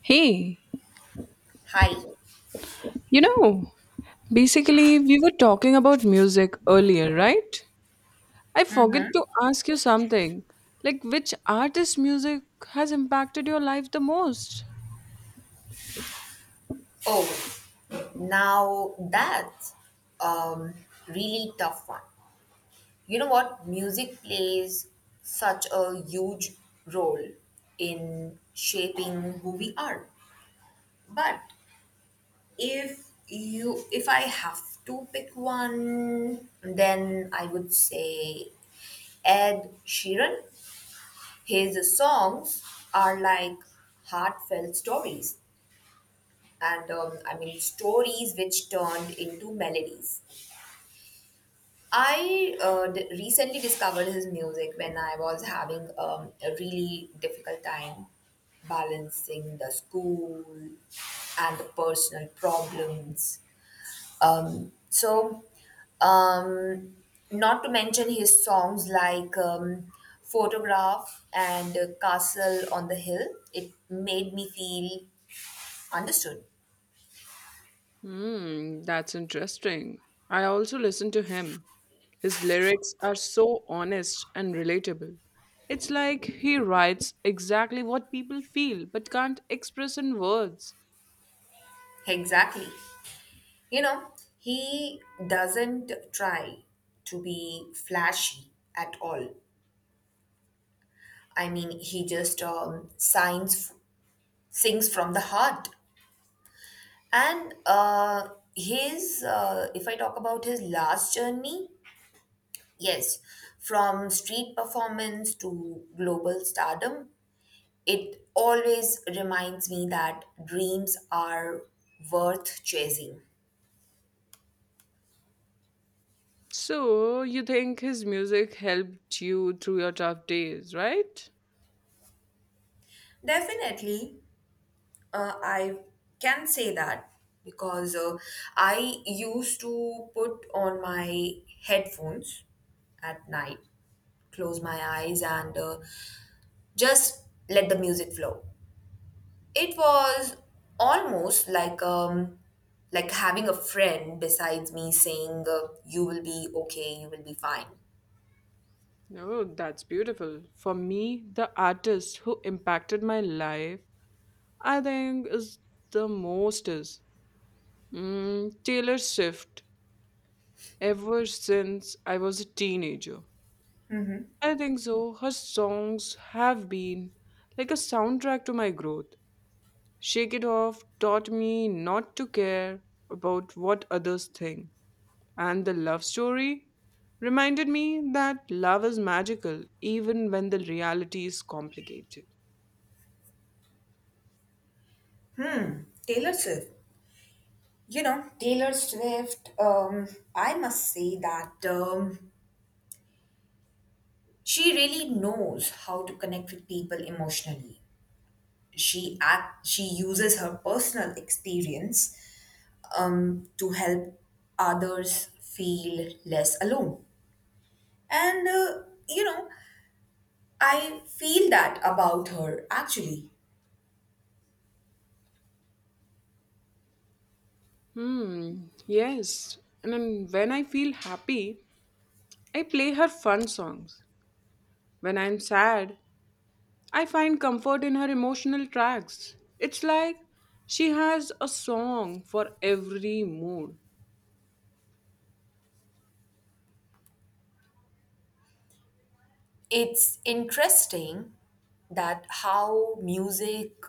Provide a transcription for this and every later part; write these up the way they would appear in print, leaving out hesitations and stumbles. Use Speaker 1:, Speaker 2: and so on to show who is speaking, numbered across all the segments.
Speaker 1: Hey,
Speaker 2: Hi.
Speaker 1: you know, basically, we were talking about music earlier, right? I forget to ask you something. Like, which artist's music has impacted your life the most?
Speaker 2: Oh, now that's um really tough one. You know what? Music plays such a huge role in shaping who we are. But if I have to pick one, then I would say Ed Sheeran. His songs are like heartfelt stories and stories which turned into melodies. I recently discovered his music when I was having a really difficult time balancing the school and the personal problems. Um, so, um, Not to mention his songs like Photograph and Castle on the Hill, it made me feel understood.
Speaker 1: Hmm, that's interesting. I also listen to him. His lyrics are so honest and relatable. It's like he writes exactly what people feel but can't express in words.
Speaker 2: Exactly. You know, he doesn't try to be flashy at all. I mean, he just sings from the heart. And uh, if I talk about his last journey, yes, from street performance to global stardom, it always reminds me that dreams are worth chasing.
Speaker 1: So, you think his music helped you through your tough days, right?
Speaker 2: Definitely, I can say that because I used to put on my headphones at night, close my eyes, and just let the music flow. It was almost like having a friend besides me saying you will be okay, you will be fine.
Speaker 1: Oh, that's beautiful. For me, the artist who impacted my life, I think, is the most is mm, Taylor Swift. Ever since I was a teenager, I think so. Her songs have been like a soundtrack to my growth. Shake It Off taught me not to care about what others think, and the love story reminded me that love is magical even when the reality is complicated.
Speaker 2: Taylor Swift, you know Taylor Swift. I must say that. She really knows how to connect with people emotionally. She uses her personal experience to help others feel less alone. And uh, you know, I feel that about her actually.
Speaker 1: Hmm, yes. And then when I feel happy, I play her fun songs. When I'm sad, I find comfort in her emotional tracks. It's like she has a song for every mood.
Speaker 2: It's interesting that how music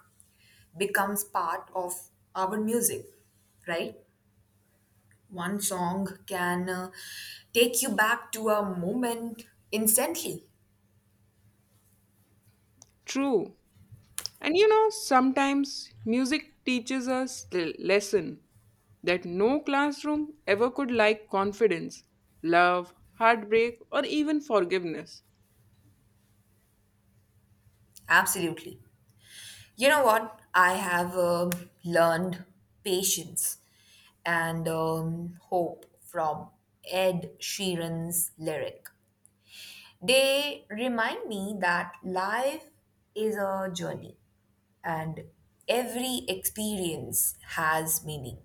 Speaker 2: becomes part of our music, right? One song can take you back to a moment instantly.
Speaker 1: True. And you know, sometimes music teaches us the lesson that no classroom ever could, like confidence, love, heartbreak, or even forgiveness.
Speaker 2: Absolutely. You know what? I have learned patience and hope from Ed Sheeran's lyric. They remind me that life is a journey and every experience has meaning.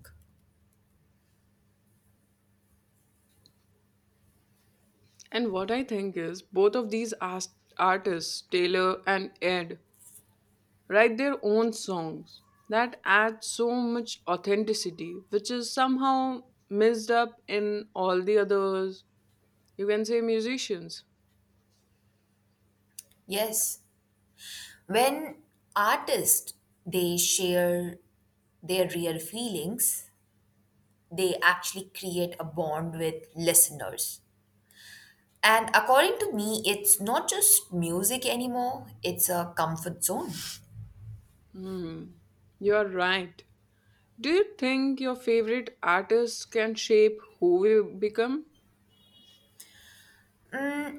Speaker 1: And what I think is, both of these artists, Taylor and Ed, write their own songs that add so much authenticity, which is somehow missed up in all the others, you can say, musicians.
Speaker 2: Yes, when artists they share their real feelings, they actually create a bond with listeners. And according to me, it's not just music anymore, it's a comfort zone.
Speaker 1: Hmm, you're right. Do you think your favorite artists can shape who we become?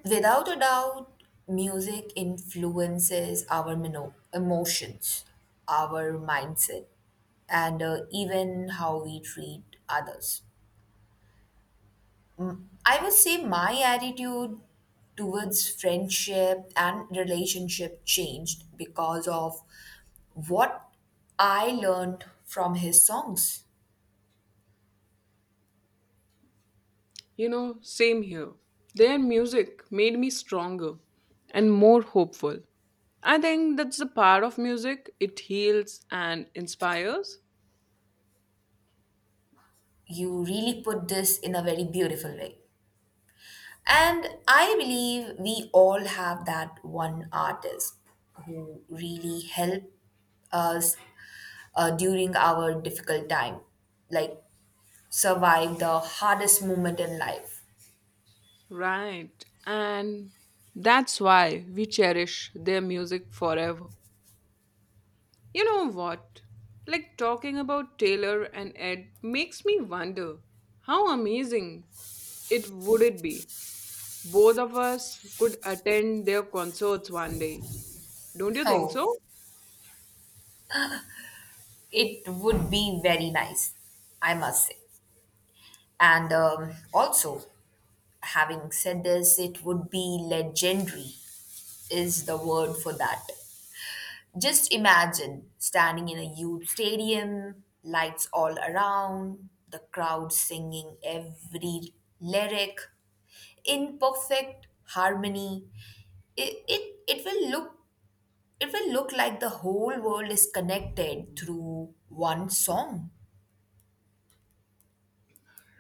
Speaker 2: Without a doubt, music influences our emotions, our mindset, and even how we treat others. I would say my attitude towards friendship and relationship changed because of what I learned from his songs.
Speaker 1: You know, same here. Their music made me stronger and more hopeful. I think that's the power of music. It heals and inspires.
Speaker 2: You really put this in a very beautiful way. And I believe we all have that one artist who really helped us during our difficult time, like survive the hardest moment in life.
Speaker 1: Right. And that's why we cherish their music forever. You know what? Like talking about Taylor and Ed makes me wonder how amazing it would it be both of us could attend their concerts one day. Don't you think
Speaker 2: Oh,
Speaker 1: so?
Speaker 2: it would be very nice, I must say. And also, having said this, it would be legendary, is the word for that. Just imagine standing in a huge stadium, lights all around, the crowd singing every lyric in perfect harmony. It, it, it will look it will look like the whole world is connected through one song.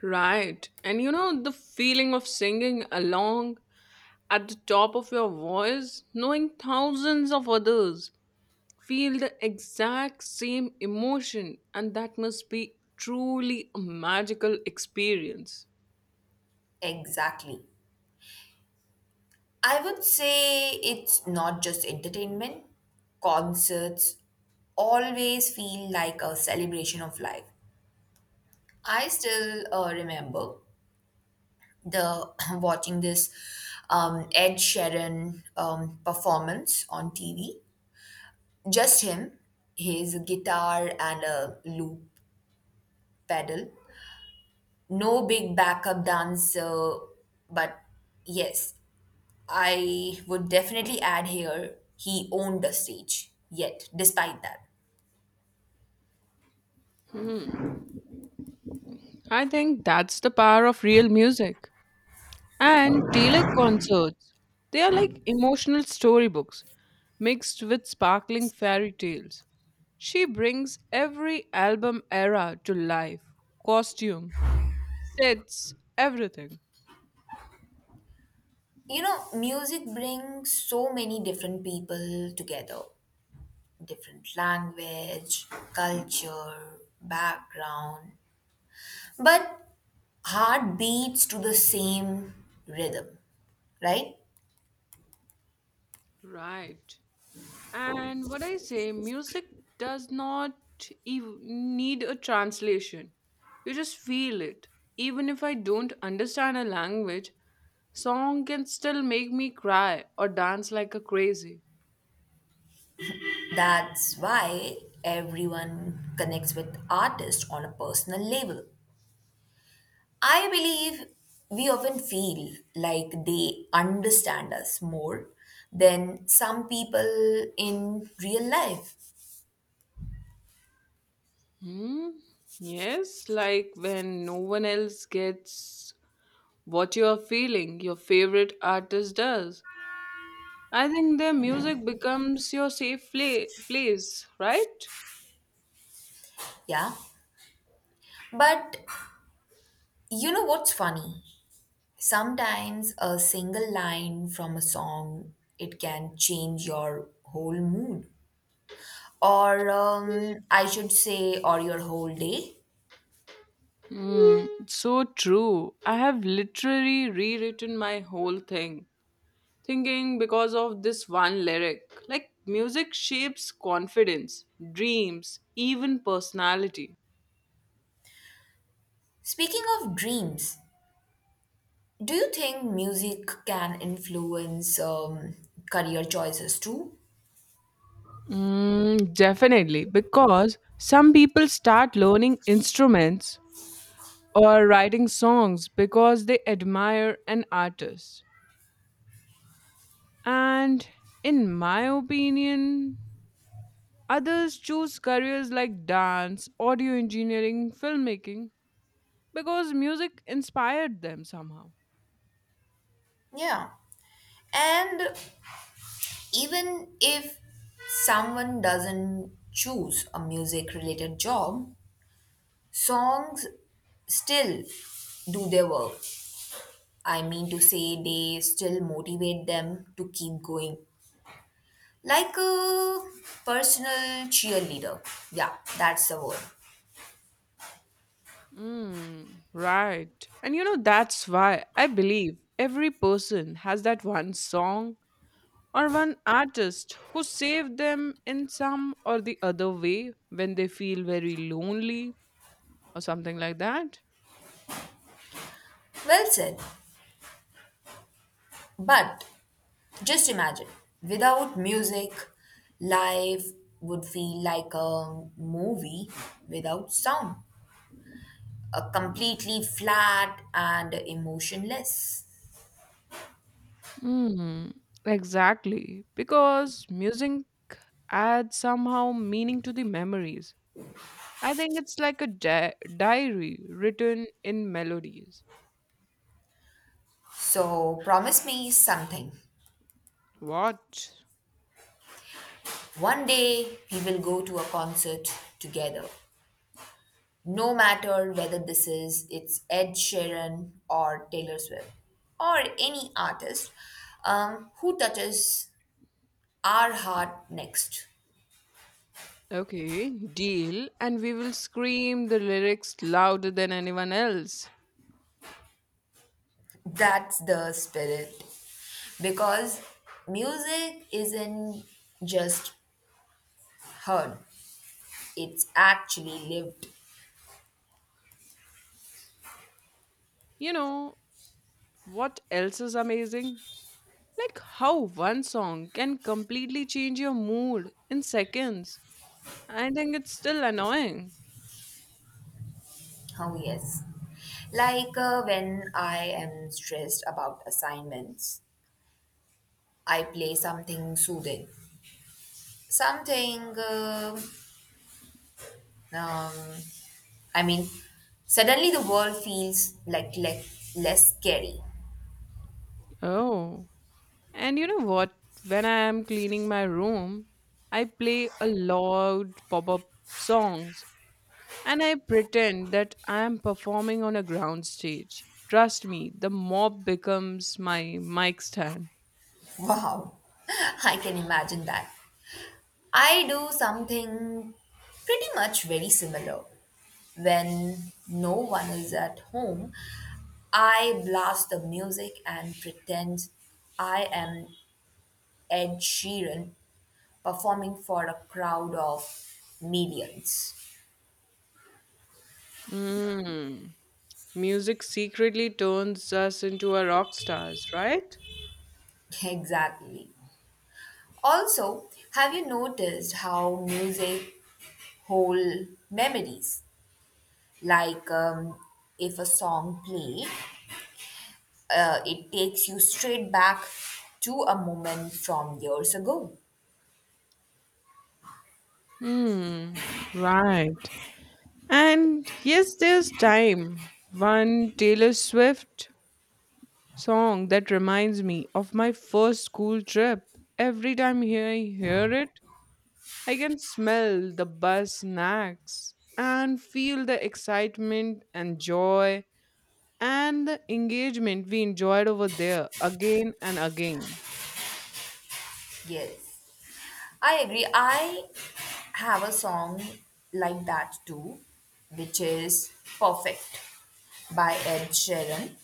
Speaker 1: Right. And you know, the feeling of singing along at the top of your voice, knowing thousands of others feel the exact same emotion, and that must be truly a magical experience.
Speaker 2: Exactly. I would say it's not just entertainment. Concerts always feel like a celebration of life. I still remember the watching this Ed Sheeran performance on TV. Just him, his guitar and a loop pedal. No big backup dancer, but yes, I would definitely add here he owned the stage. Yet, despite that,
Speaker 1: Hmm. I think that's the power of real music. And Taylor concerts, they are like emotional storybooks mixed with sparkling fairy tales. She brings every album era to life, costume, sets, everything.
Speaker 2: you know, music brings so many different people together, different language, culture, background. But heart beats to the same rhythm, right?
Speaker 1: Right. And what I say, music does not need a translation. You just feel it. Even if I don't understand a language, song can still make me cry or dance like a crazy.
Speaker 2: That's why everyone connects with artists on a personal level. I believe we often feel like they understand us more than some people in real life.
Speaker 1: Hmm? Yes, like when no one else gets what you are feeling, your favorite artist does. I think their music becomes your place, right?
Speaker 2: Yeah. But you know what's funny? Sometimes a single line from a song it can change your whole mood or I should say, or your whole day.
Speaker 1: So true. I have literally rewritten my whole thing, thinking because of this one lyric. Like, music shapes confidence, dreams, even personality.
Speaker 2: Speaking of dreams, do you think music can influence career choices too?
Speaker 1: Mm, definitely, because some people start learning instruments or writing songs because they admire an artist. And in my opinion, others choose careers like dance, audio engineering, filmmaking because music inspired them somehow.
Speaker 2: Yeah. And even if someone doesn't choose a music related job, songs still do their work. I mean to say, they still motivate them to keep going. Like a personal cheerleader. Yeah, that's the word.
Speaker 1: Mm, right. And you know, that's why I believe every person has that one song or one artist who saved them in some or the other way when they feel very lonely or something like that.
Speaker 2: Well said. But just imagine, without music, life would feel like a movie without sound, a completely flat and emotionless.
Speaker 1: Mm, exactly. Because music adds somehow meaning to the memories. I think it's like a diary written in melodies.
Speaker 2: So promise me something.
Speaker 1: What?
Speaker 2: One day we will go to a concert together no matter whether this is it's Ed Sheeran or Taylor Swift or any artist who touches our heart next.
Speaker 1: Okay, deal. And we will scream the lyrics louder than anyone else.
Speaker 2: That's the spirit because music isn't just heard, it's actually lived.
Speaker 1: You know, what else is amazing? Like how one song can completely change your mood in seconds. I think it's still annoying.
Speaker 2: Oh, yes. Like when I am stressed about assignments, I play something soothing, something uh, um, I mean, suddenly the world feels like less scary.
Speaker 1: Oh. And you know what? When I am cleaning my room, I play a loud pop up songs and I pretend that I am performing on a ground stage. Trust me, the mob becomes my mic stand.
Speaker 2: Wow. I can imagine that. I do something pretty much very similar. When no one is at home, I blast the music and pretend I am Ed Sheeran performing for a crowd of millions.
Speaker 1: Mm. Music secretly turns us into a rock stars, right?
Speaker 2: Exactly. Also, have you noticed how music hold memories? Like if a song play it takes you straight back to a moment from years ago.
Speaker 1: Hmm. Right. And yes, there's time. One Taylor Swift song that reminds me of my first school trip. Every time I hear it, I can smell the bus snacks and feel the excitement and joy and the engagement we enjoyed over there again and again.
Speaker 2: Yes, I agree. I have a song like that too, which is Perfect by Ed Sheeran.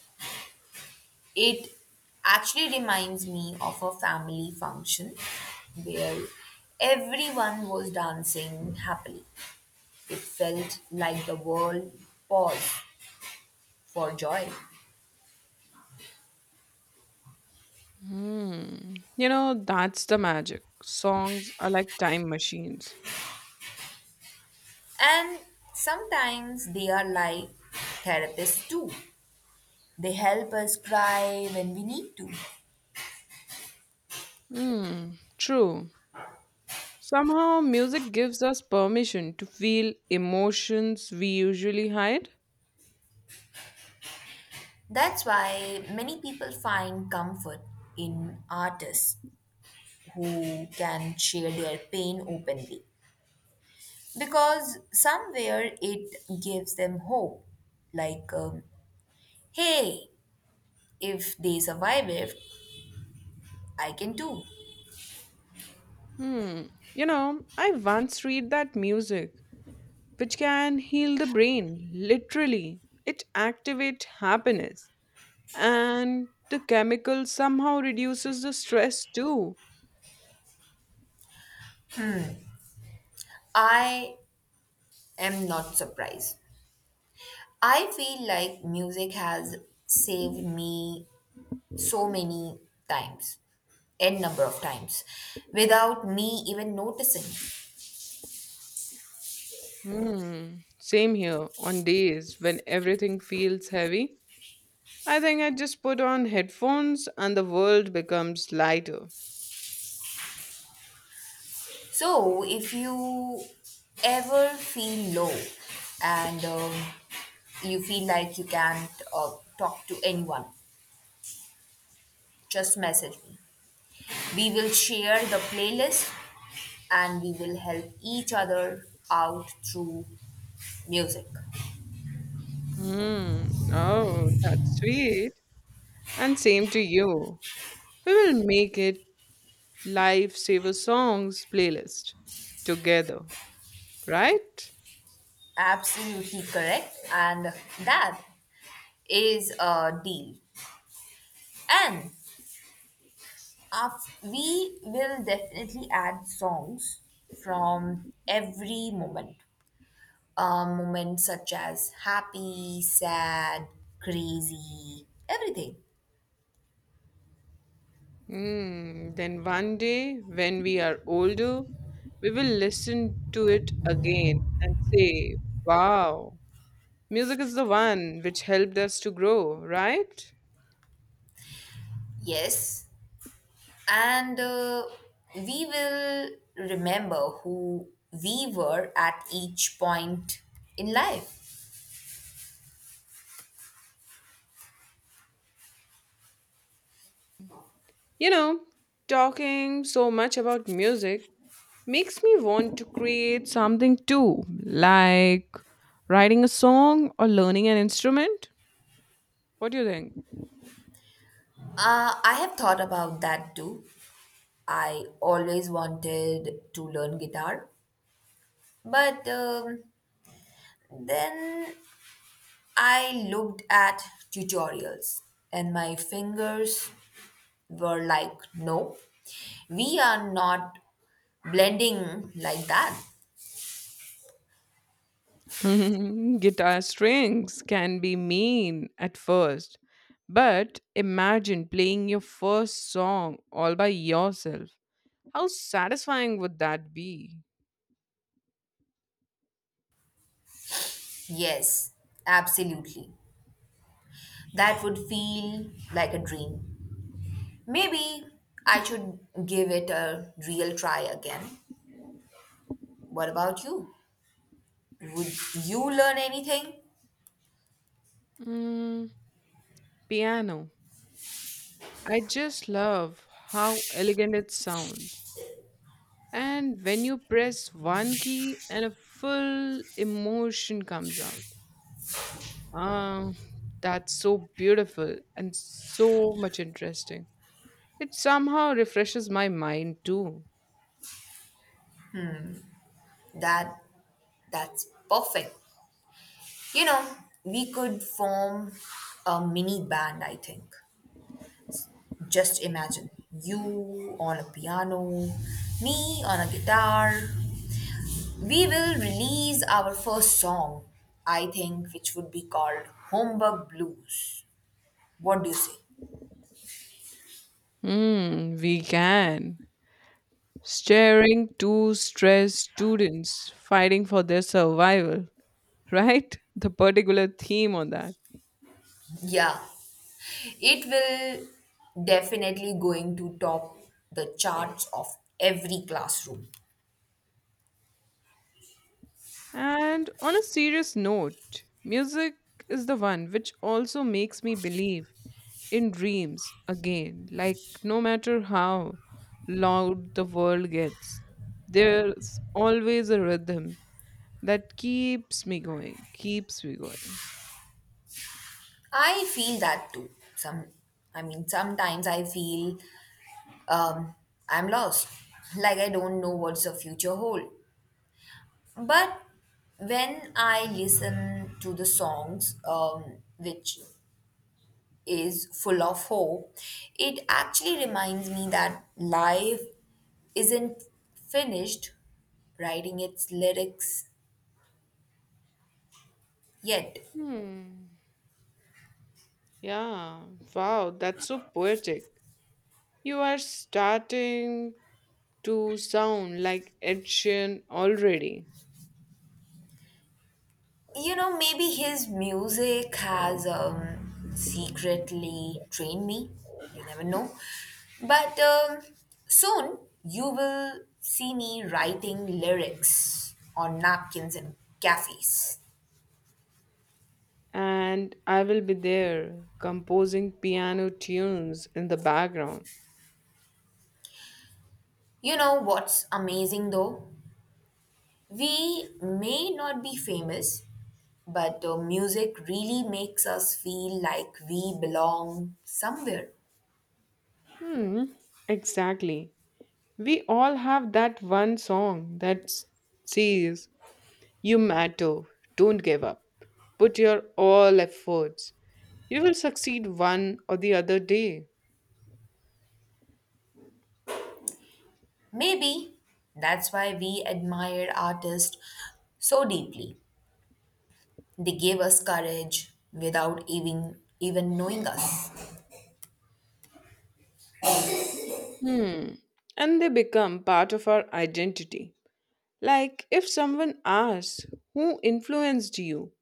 Speaker 2: It actually reminds me of a family function where everyone was dancing happily. It felt like the world paused for joy.
Speaker 1: Hmm. You know, that's the magic. Songs are like time machines.
Speaker 2: And sometimes they are like therapists too. They help us cry when we need to.
Speaker 1: Hmm. True. Somehow, music gives us permission to feel emotions we usually hide.
Speaker 2: That's why many people find comfort in artists who can share their pain openly. Because somewhere it gives them hope. Like, hey, if they survive it, I can too.
Speaker 1: Hmm. You know, I once read that music, which can heal the brain, literally, it activates happiness. And the chemical somehow reduces the stress too.
Speaker 2: I am not surprised. I feel like music has saved me so many times, n number of times, without me even noticing.
Speaker 1: Hmm. Same here, on days when everything feels heavy. I think I just put on headphones and the world becomes lighter.
Speaker 2: So, if you ever feel low and you feel like you can't talk to anyone, just message me. We will share the playlist and we will help each other out through music.
Speaker 1: Hmm. Oh, that's sweet. And same to you. We will make it lifesaver songs playlist together, right?
Speaker 2: Absolutely correct, and that is a deal. And we will definitely add songs from every moment. Moments such as happy, sad, crazy, everything.
Speaker 1: Hmm. Then one day, when we are older, we will listen to it again and say, wow, music is the one which helped us to grow, right?
Speaker 2: Yes. And we will remember who we were at each point in life.
Speaker 1: You know, talking so much about music makes me want to create something too, like writing a song or learning an instrument. What do you think?
Speaker 2: I have thought about that too. I always wanted to learn guitar, but then I looked at tutorials and my fingers were like, no, we are not blending like that.
Speaker 1: Guitar strings can be mean at first, but imagine playing your first song all by yourself. How satisfying would that be?
Speaker 2: Yes, absolutely. That would feel like a dream. Maybe I should give it a real try again. What about you? Would you learn anything?
Speaker 1: Mm, piano. I just love how elegant it sounds. And when you press one key and a full emotion comes out. Ah, that's so beautiful and so much interesting. It somehow refreshes my mind too.
Speaker 2: That that's perfect. You know, we could form a mini band, I think. Just imagine you on a piano, me on a guitar. We will release our first song, I think, which would be called Homework Blues. What do you say?
Speaker 1: Hmm, we can. Staring two stressed students fighting for their survival, right? The particular theme on that.
Speaker 2: Yeah, it will definitely going to top the charts of every classroom.
Speaker 1: And on a serious note, music is the one which also makes me believe in dreams again. Like, no matter how loud the world gets, there's always a rhythm that keeps me going.
Speaker 2: I feel that too. Some, Sometimes I feel um, I'm lost, like I don't know what's the future hold. But when I listen to the songs, which is full of hope, it actually reminds me that life isn't finished writing its lyrics yet.
Speaker 1: Hmm. Yeah. Wow, that's so poetic. You are starting to sound like Ed Sheeran already.
Speaker 2: You know, maybe his music has secretly trained me. You never know. But soon you will see me writing lyrics on napkins in cafes.
Speaker 1: And I will be there composing piano tunes in the background.
Speaker 2: You know what's amazing though, we may not be famous, but music really makes us feel like we belong somewhere.
Speaker 1: Hmm, exactly. We all have that one song that says, you matter, don't give up, put your all efforts. You will succeed one or the other day.
Speaker 2: Maybe that's why we admire artists so deeply. They gave us courage without even knowing us.
Speaker 1: Hmm. And they become part of our identity. Like if someone asks, who influenced you?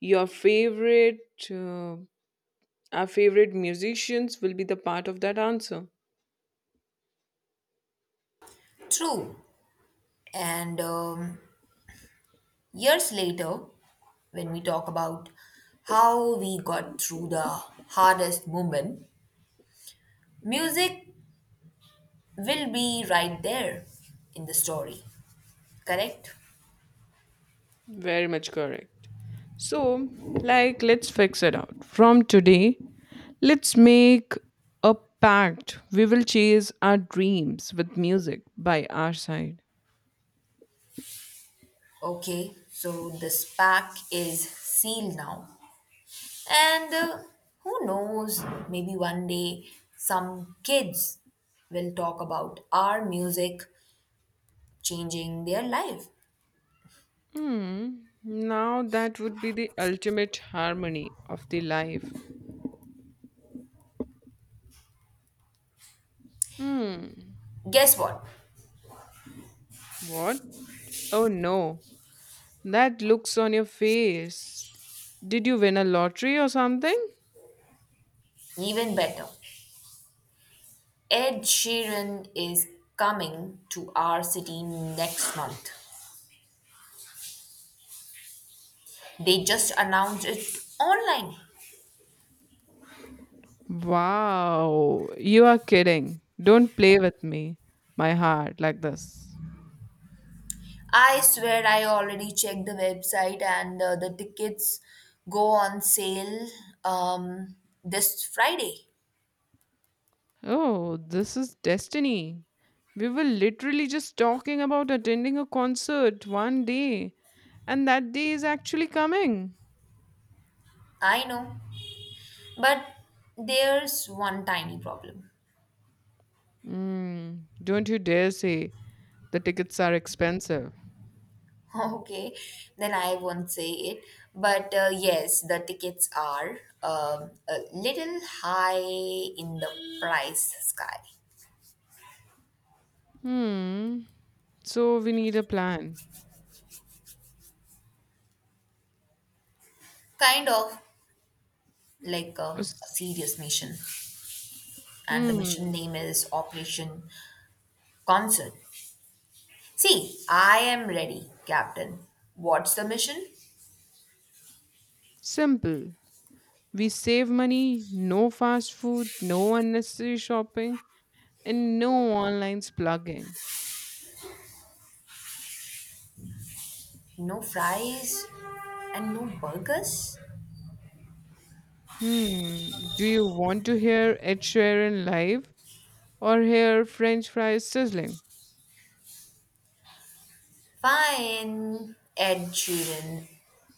Speaker 1: Your favorite, uh, our favorite musicians will be the part of that answer.
Speaker 2: True. And years later, when we talk about how we got through the hardest moment, music will be right there in the story. Correct?
Speaker 1: Very much correct. So, like, let's fix it out. From today, let's make a pact. We will chase our dreams with music by our side.
Speaker 2: Okay, so this pack is sealed now. And who knows, maybe one day some kids will talk about our music changing their life.
Speaker 1: Hmm. Now that would be the ultimate harmony of the life. Hmm.
Speaker 2: Guess what?
Speaker 1: What? Oh no. That looks on your face. Did you win a lottery or something?
Speaker 2: Even better. Ed Sheeran is coming to our city next month. They just announced it online.
Speaker 1: Wow, you are kidding. Don't play with me, my heart, like this.
Speaker 2: I swear I already checked the website and the tickets go on sale um, this Friday.
Speaker 1: Oh, this is destiny. We were literally just talking about attending a concert one day, and that day is actually coming.
Speaker 2: I know. But there's one tiny problem.
Speaker 1: Mm, don't you dare say the tickets are expensive.
Speaker 2: Okay, then I won't say it. But yes, the tickets are a little high in the price sky.
Speaker 1: Hmm. So we need a plan.
Speaker 2: Kind of like
Speaker 1: A
Speaker 2: a
Speaker 1: s-
Speaker 2: serious mission. And the
Speaker 1: Hmm.
Speaker 2: mission name is Operation Concert. See, I am ready, Captain. What's the mission?
Speaker 1: Simple. We save money, no fast food, no unnecessary shopping, and no online plugging.
Speaker 2: No fries and no burgers?
Speaker 1: Hmm. Do you want to hear Ed Sheeran live or hear French fries sizzling?
Speaker 2: Fine, Ed Sheeran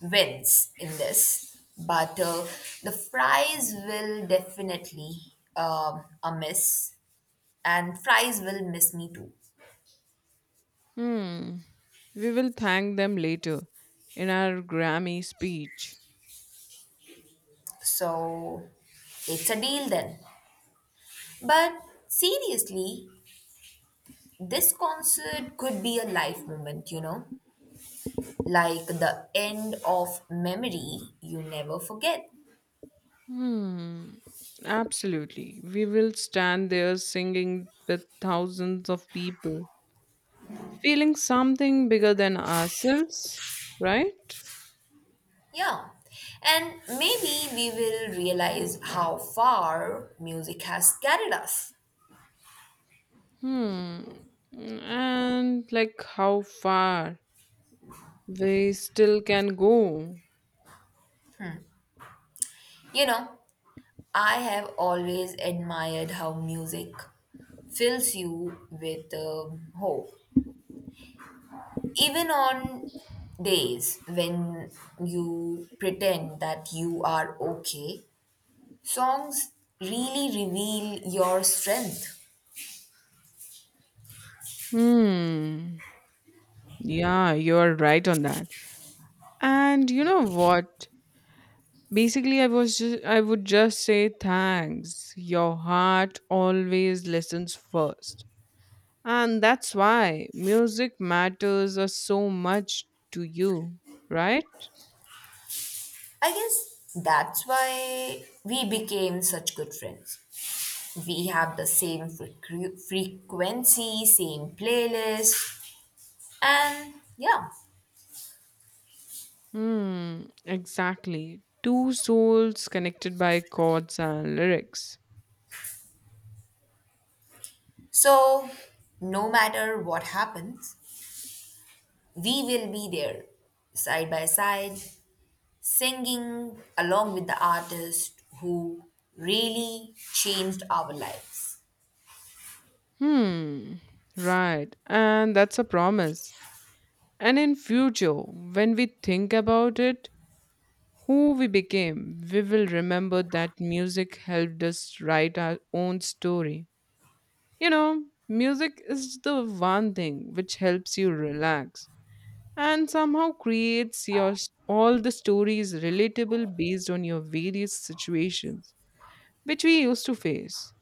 Speaker 2: wins in this, but the fries will definitely a miss, and fries will miss me too.
Speaker 1: Hmm. We will thank them later in our Grammy speech.
Speaker 2: So it's a deal then. But seriously, this concert could be a life moment, you know, like the end of memory you never forget.
Speaker 1: Hmm. Absolutely. We will stand there singing with thousands of people, feeling something bigger than ourselves, right?
Speaker 2: Yeah, and maybe we will realize how far music has carried us.
Speaker 1: Hmm. And like how far we still can go.
Speaker 2: You know, I have always admired how music fills you with hope, even on days when you pretend that you are okay. Songs really reveal your strength.
Speaker 1: Hmm. Yeah, you're right on that. And you know what? Basically, I would just say thanks. Your heart always listens first. And that's why music matters so much to you, right?
Speaker 2: I guess that's why we became such good friends. We have the same frequency, same playlist, and yeah.
Speaker 1: Hmm, exactly. Two souls connected by chords and lyrics.
Speaker 2: So, no matter what happens, we will be there side by side, singing along with the artist who really changed our lives.
Speaker 1: Hmm, right. And that's a promise. And in future, when we think about it, who we became, we will remember that music helped us write our own story. You know, music is the one thing which helps you relax and somehow creates your all the stories relatable based on your various situations which we used to face.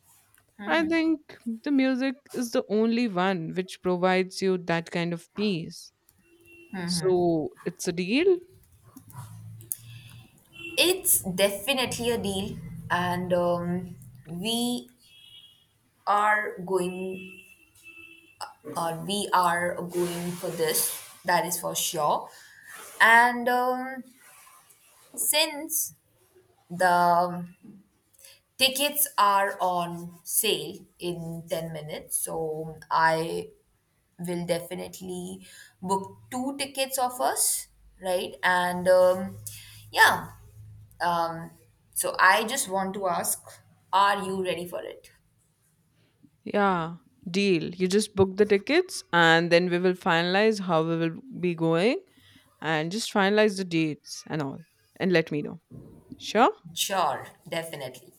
Speaker 1: I think the music is the only one which provides you that kind of peace. So, it's a deal.
Speaker 2: It's definitely a deal, and we are going, we are going for this, that is for sure. And Since the tickets are on sale in 10 minutes, so I will definitely book two tickets of us, right? Yeah, um, so I just want to ask, are you ready for it?
Speaker 1: Yeah, deal. You just book the tickets and then we will finalize how we will be going and just finalize the dates and all and let me know. Sure?
Speaker 2: Sure, definitely.